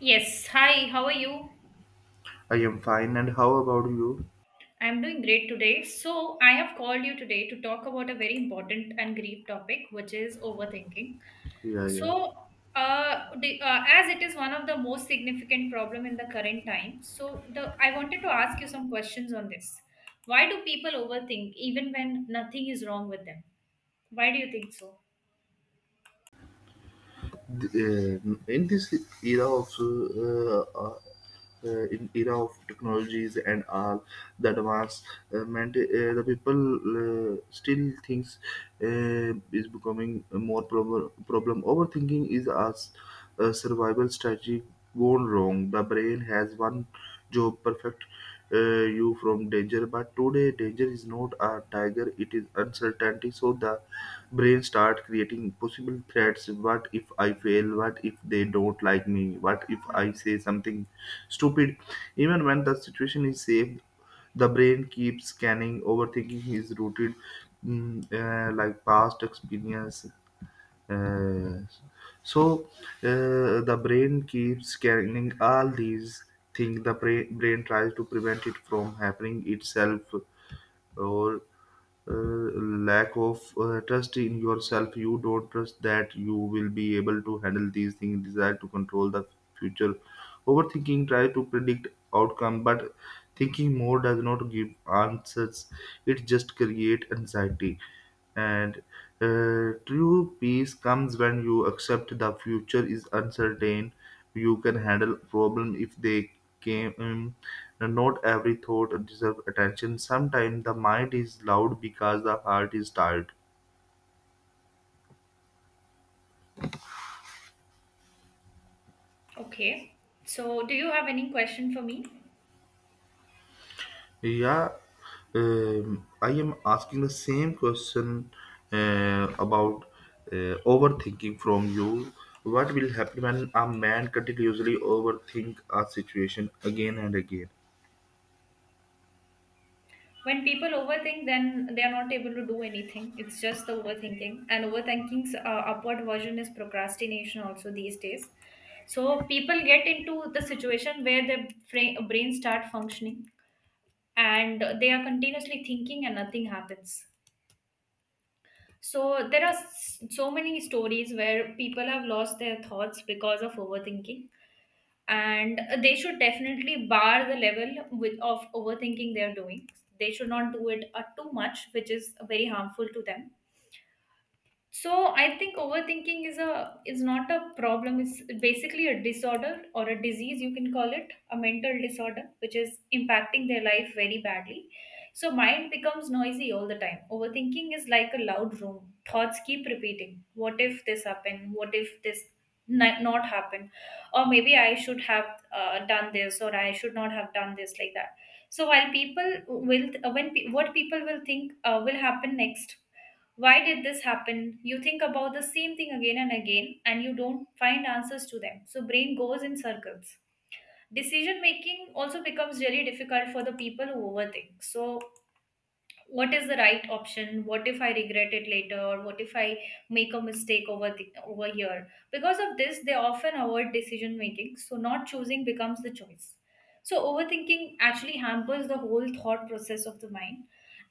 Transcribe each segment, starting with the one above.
Yes, hi, how are you? I am fine, and how about you? I'm doing great today. So, I have called you today to talk about a very important and grief topic, which is overthinking. Yeah, yeah. So, as it is one of the most significant problem in the current time, so the I wanted to ask you some questions on this. Why do people overthink even when nothing is wrong with them? Why do you think so? Th- uh, in this era of uh, uh, in era of technologies and all the advancement, the people still thinks is becoming more problem. Problem overthinking is us. Survival strategy gone wrong. The brain has one job perfect uh, you from danger, but today danger is not a tiger, it is uncertainty. So the brain start creating possible threats. What if I fail? What if they don't like me? What if I Right. say something stupid? Even when the situation is safe, the brain keeps scanning. Overthinking is rooted like past experience. uh, so the brain keeps scanning all these things. The brain tries to prevent it from happening itself, or lack of trust in yourself. You don't trust that you will be able to handle these things. Desire to control the future. Overthinking tries to predict outcome, but thinking more does not give answers. It just create anxiety, and true peace comes when you accept the future is uncertain. You can handle problem if they came. Not every thought deserves attention. Sometimes the mind is loud because the heart is tired. Okay. So, do you have any question for me? Yeah, I am asking the same question about overthinking from you. What will happen when a man continuously overthink a situation again and again? When people overthink, then they are not able to do anything. It's just the overthinking, and overthinking's upward version is procrastination also these days. So people get into the situation where brain start functioning and they are continuously thinking and nothing happens. So there are so many stories where people have lost their thoughts because of overthinking, and they should definitely bar the level with of overthinking they are doing. They should not do it too much, which is very harmful to them. So I think overthinking is a is not a problem. It's basically a disorder or a disease, you can call it, a mental disorder, which is impacting their life very badly. So mind becomes noisy all the time. Overthinking is like a loud room. Thoughts keep repeating. What if this happened? What if not happen? Or maybe I should have done this, or I should not have done this, like that. So while people will, when pe- what people will think will happen next, why did this happen? You think about the same thing again and again and you don't find answers to them. So brain goes in circles. Decision making also becomes really difficult for the people who overthink. So what is the right option, what if I regret it later, or what if I make a mistake over here? Because of this they often avoid decision making, so not choosing becomes the choice. So overthinking actually hampers the whole thought process of the mind,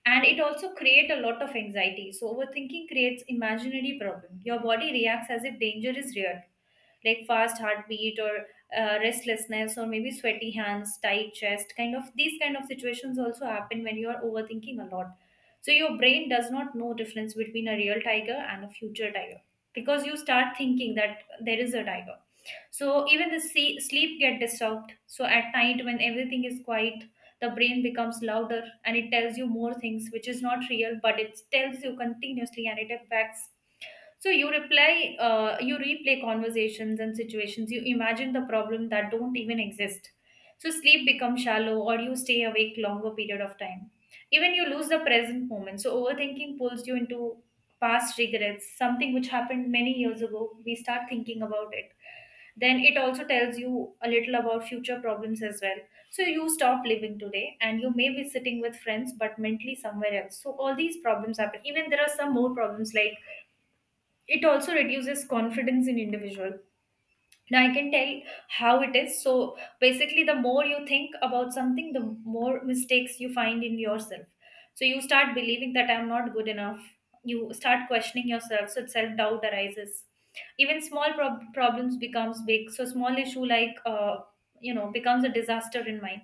and it also create a lot of anxiety. So overthinking creates imaginary problem. Your body reacts as if danger is real, like fast heartbeat or restlessness, or maybe sweaty hands, tight chest, kind of these kind of situations also happen when you are overthinking a lot. So your brain does not know difference between a real tiger and a future tiger, because you start thinking that there is a tiger. So even the sleep get disturbed. So at night when everything is quiet, the brain becomes louder and it tells you more things which is not real, but it tells you continuously and it affects. So you replay conversations and situations. You imagine the problem that don't even exist. So sleep becomes shallow, or you stay awake longer period of time. Even you lose the present moment. So overthinking pulls you into past regrets, something which happened many years ago. We start thinking about it. Then it also tells you a little about future problems as well. So you stop living today, and you may be sitting with friends, but mentally somewhere else. So all these problems happen. Even there are some more problems like it also reduces confidence in individual. Now I can tell how it is. So basically, the more you think about something, the more mistakes you find in yourself. So you start believing that I'm not good enough. You start questioning yourself, so self doubt arises. Even problems becomes big. So small issue like, becomes a disaster in mind.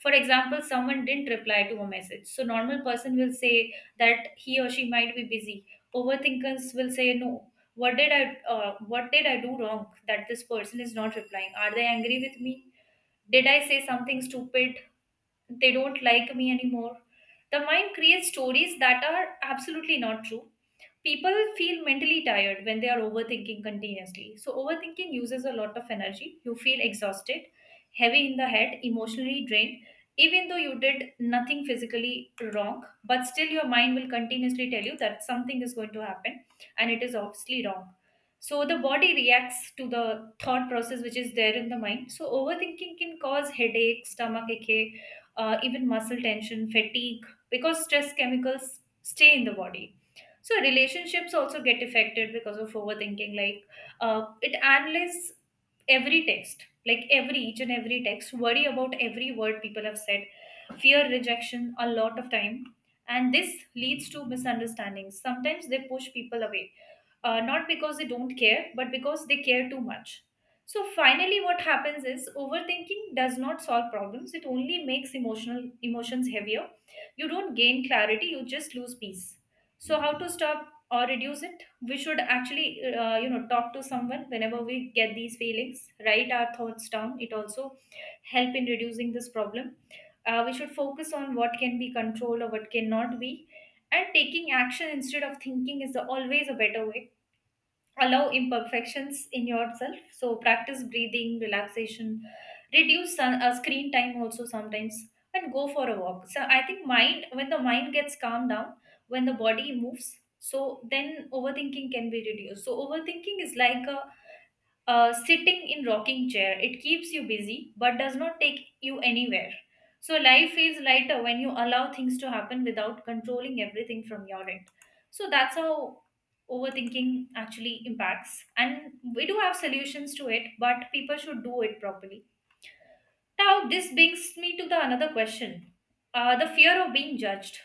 For example, someone didn't reply to a message, so normal person will say that he or she might be busy. Overthinkers will say no, what did i what did I do wrong that this person is not replying? Are they angry with me? Did I say something stupid? They don't like me anymore. The mind creates stories that are absolutely not true. People feel mentally tired when they are overthinking continuously. So, overthinking uses a lot of energy. You feel exhausted, heavy in the head, emotionally drained, even though you did nothing physically wrong, but still your mind will continuously tell you that something is going to happen, and it is obviously wrong. So, the body reacts to the thought process which is there in the mind. So, overthinking can cause headache, stomach ache, even muscle tension, fatigue, because stress chemicals stay in the body. So relationships also get affected because of overthinking. Like, it analyzes every each and every text, worry about every word people have said, fear rejection a lot of time, and this leads to misunderstandings. Sometimes they push people away, not because they don't care, but because they care too much. So finally what happens is overthinking does not solve problems, it only makes emotional emotions heavier. You don't gain clarity, you just lose peace. So how to stop or reduce it: we should actually, you know, talk to someone whenever we get these feelings, write our thoughts down, it also help in reducing this problem. We should focus on what can be controlled or what cannot be, and taking action instead of thinking is always a better way. Allow imperfections in yourself, so practice breathing relaxation, reduce screen time also sometimes, and go for a walk. So I think mind when the mind gets calmed down, when the body moves, so then overthinking can be reduced. So overthinking is like a, sitting in rocking chair, it keeps you busy but does not take you anywhere. So life feels lighter when you allow things to happen without controlling everything from your end. So that's how overthinking actually impacts. And we do have solutions to it, but people should do it properly. Now this brings me to the another question. The fear of being judged.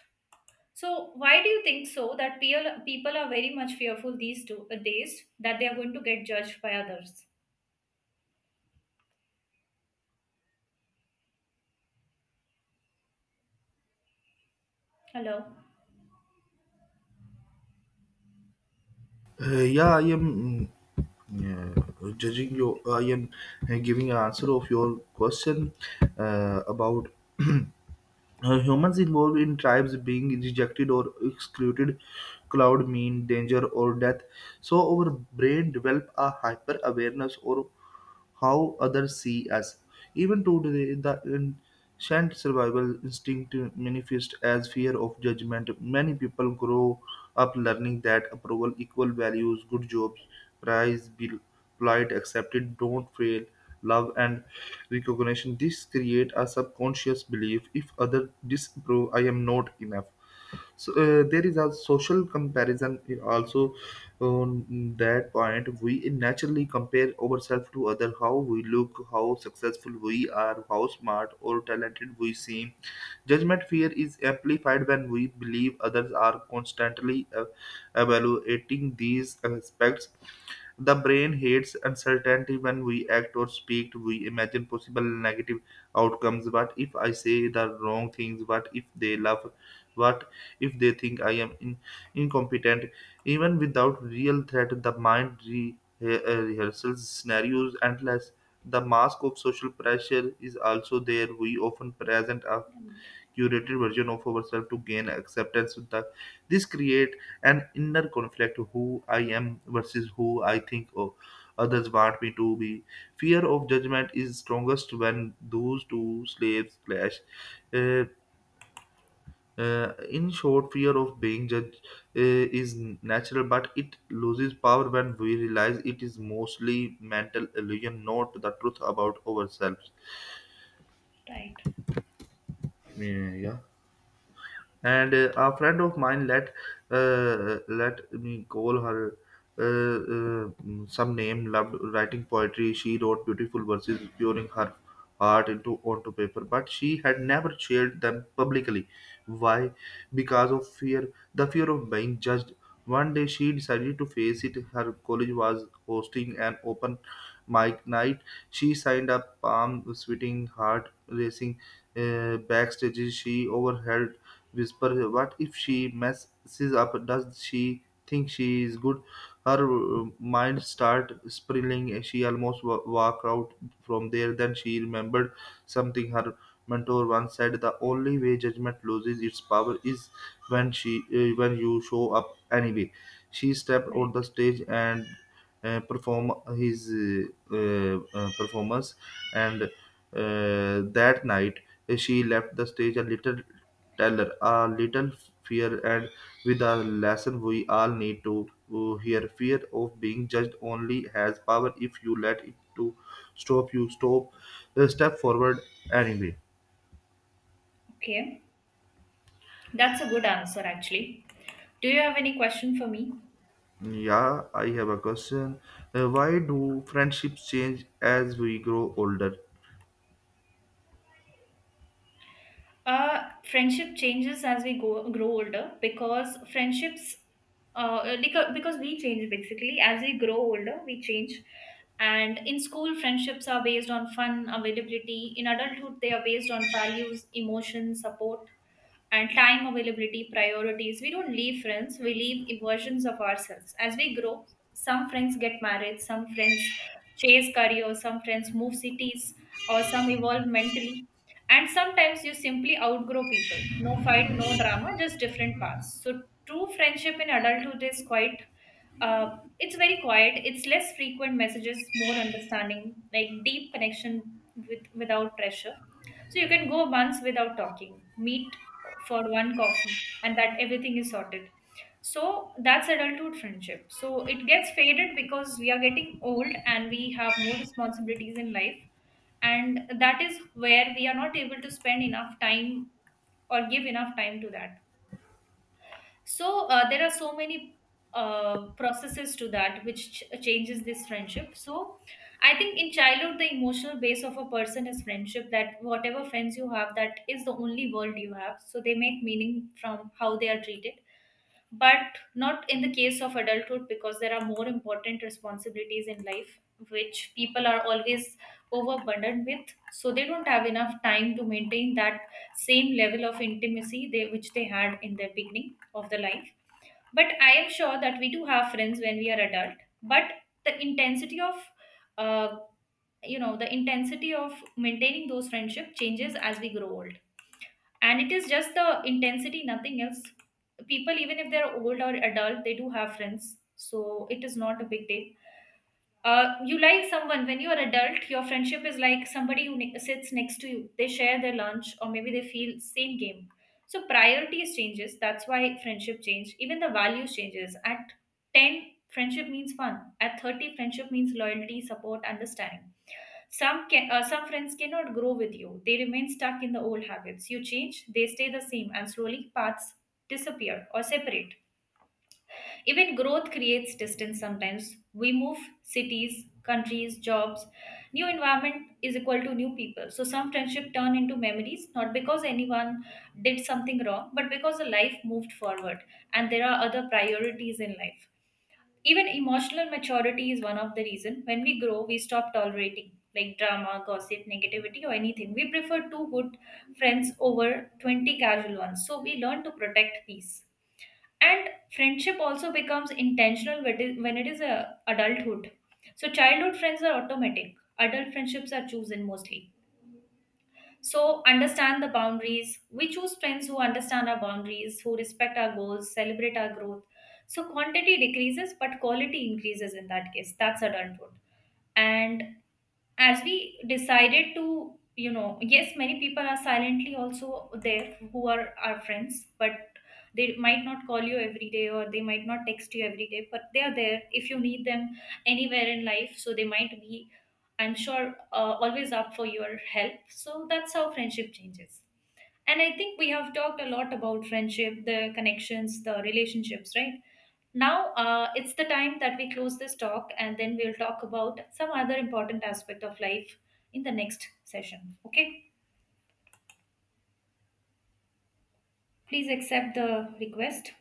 So why do you think so that people are very much fearful these two days that they are going to get judged by others? Hello. Yeah, I am yeah, judging your. I am giving an answer of your question about humans involved in tribes being rejected or excluded cloud mean danger or death. So our brain develop a hyper awareness or how others see us. Even today the ancient survival instinct manifests as fear of judgment. Many people grow up learning that approval equal values: good jobs, praise, polite, accepted, don't fail, love, and recognition. This create a subconscious belief: if other disapprove, I am not enough. So there is a social comparison also on that point. We naturally compare ourselves to other: how we look, how successful we are, how smart or talented we seem. Judgment fear is amplified when we believe others are constantly evaluating these aspects. The brain hates uncertainty when we act or speak. We imagine possible negative outcomes. What if I say the wrong things? What if they laugh? What if they think I am incompetent? Even without real threat, the mind rehearsals scenarios endless. The mask of social pressure is also there. We often present a curated version of ourselves to gain acceptance. With the This create an inner conflict: who I am versus who I think, oh, others want me to be. Fear of judgment is strongest when those two slaves clash. Uh, uh, in short, fear of being judged is natural, but it loses power when we realize it is mostly mental illusion, not the truth about ourselves. Right, Yeah, yeah. And a friend of mine, let me call her some name, loved writing poetry. She wrote beautiful verses, pouring her heart into onto paper, but she had never shared them publicly. Why? Because of fear. The fear of being judged. One day she decided to face it. Her college was hosting an open mic night. She signed up, palm sweating, heart racing. Backstage she overheard whisper, "What if she messes up? Does she think she is good?" Her mind start spiraling. And she almost walked out from there. Then she remembered something her mentor once said: "The only way judgment loses its power is when you show up anyway." She stepped on the right. stage and perform his performance, and that night she left the stage a little teller, a little fear, and with a lesson we all need to hear. Fear of being judged only has power if you let it to stop you. Stop, step forward anyway. Okay. That's a good answer, actually. Do you have any question for me? Yeah, I have a question. Why do friendships change as we grow older? Friendship changes as grow older because because we change basically. As we grow older, we change. And in school, friendships are based on fun, availability. In adulthood, they are based on values, emotions, support, and time availability, priorities. We don't leave friends, we leave versions of ourselves. As we grow, some friends get married, some friends chase career, some friends move cities, or some evolve mentally, and sometimes you simply outgrow people. No fight, no drama, just different paths. So true friendship in adulthood is quite, it's very quiet. It's less frequent messages, more understanding, like deep connection with without pressure. So you can go months without talking, meet for one coffee, and that everything is sorted. So that's adulthood friendship. So it gets faded because we are getting old and we have more responsibilities in life, and that is where we are not able to spend enough time or give enough time to that. So there are so many processes to that which changes this friendship. So I think in childhood the emotional base of a person is friendship, that whatever friends you have, that is the only world you have, so they make meaning from how they are treated. But not in the case of adulthood, because there are more important responsibilities in life which people are always overburdened with, so they don't have enough time to maintain that same level of intimacy they which they had in the beginning of the life. But I am sure that we do have friends when we are adult, but the intensity of, uh, you know, the intensity of maintaining those friendship changes as we grow older, and it is just the intensity, nothing else. People, even if they're old or adult, they do have friends, so it is not a big deal. You like someone when you're adult, your friendship is like somebody who sits next to you, they share their lunch, or maybe they feel same game. So priorities changes, that's why friendship change. Even the values changes: at 10 friendship means fun, at 30 friendship means loyalty, support, understanding. Some friends cannot grow with you. They remain stuck in the old habits. You change, they stay the same, and slowly paths disappear or separate. Even growth creates distance sometimes. We move cities, countries, jobs. New environment is equal to new people. So some friendship turn into memories, not because anyone did something wrong, but because the life moved forward and there are other priorities in life. Even emotional maturity is one of the reason. When we grow, we stop tolerating like drama, gossip, negativity or anything. We prefer two good friends over 20 casual ones. So we learn to protect peace. And friendship also becomes intentional when it is a adulthood. So childhood friends are automatic. Adult friendships are chosen mostly. So, understand the boundaries. We choose friends who understand our boundaries, who respect our goals, celebrate our growth. So, quantity decreases, but quality increases in that case. That's a done truth. And as we decided to, you know, yes, many people are silently also there who are our friends, but they might not call you every day or they might not text you every day, but they are there if you need them anywhere in life. So they might be, I'm sure, always up for your help. So that's how friendship changes. And I think we have talked a lot about friendship, the connections, the relationships, right? Now, it's the time that we close this talk, and then we'll talk about some other important aspect of life in the next session. Okay? Please accept the request.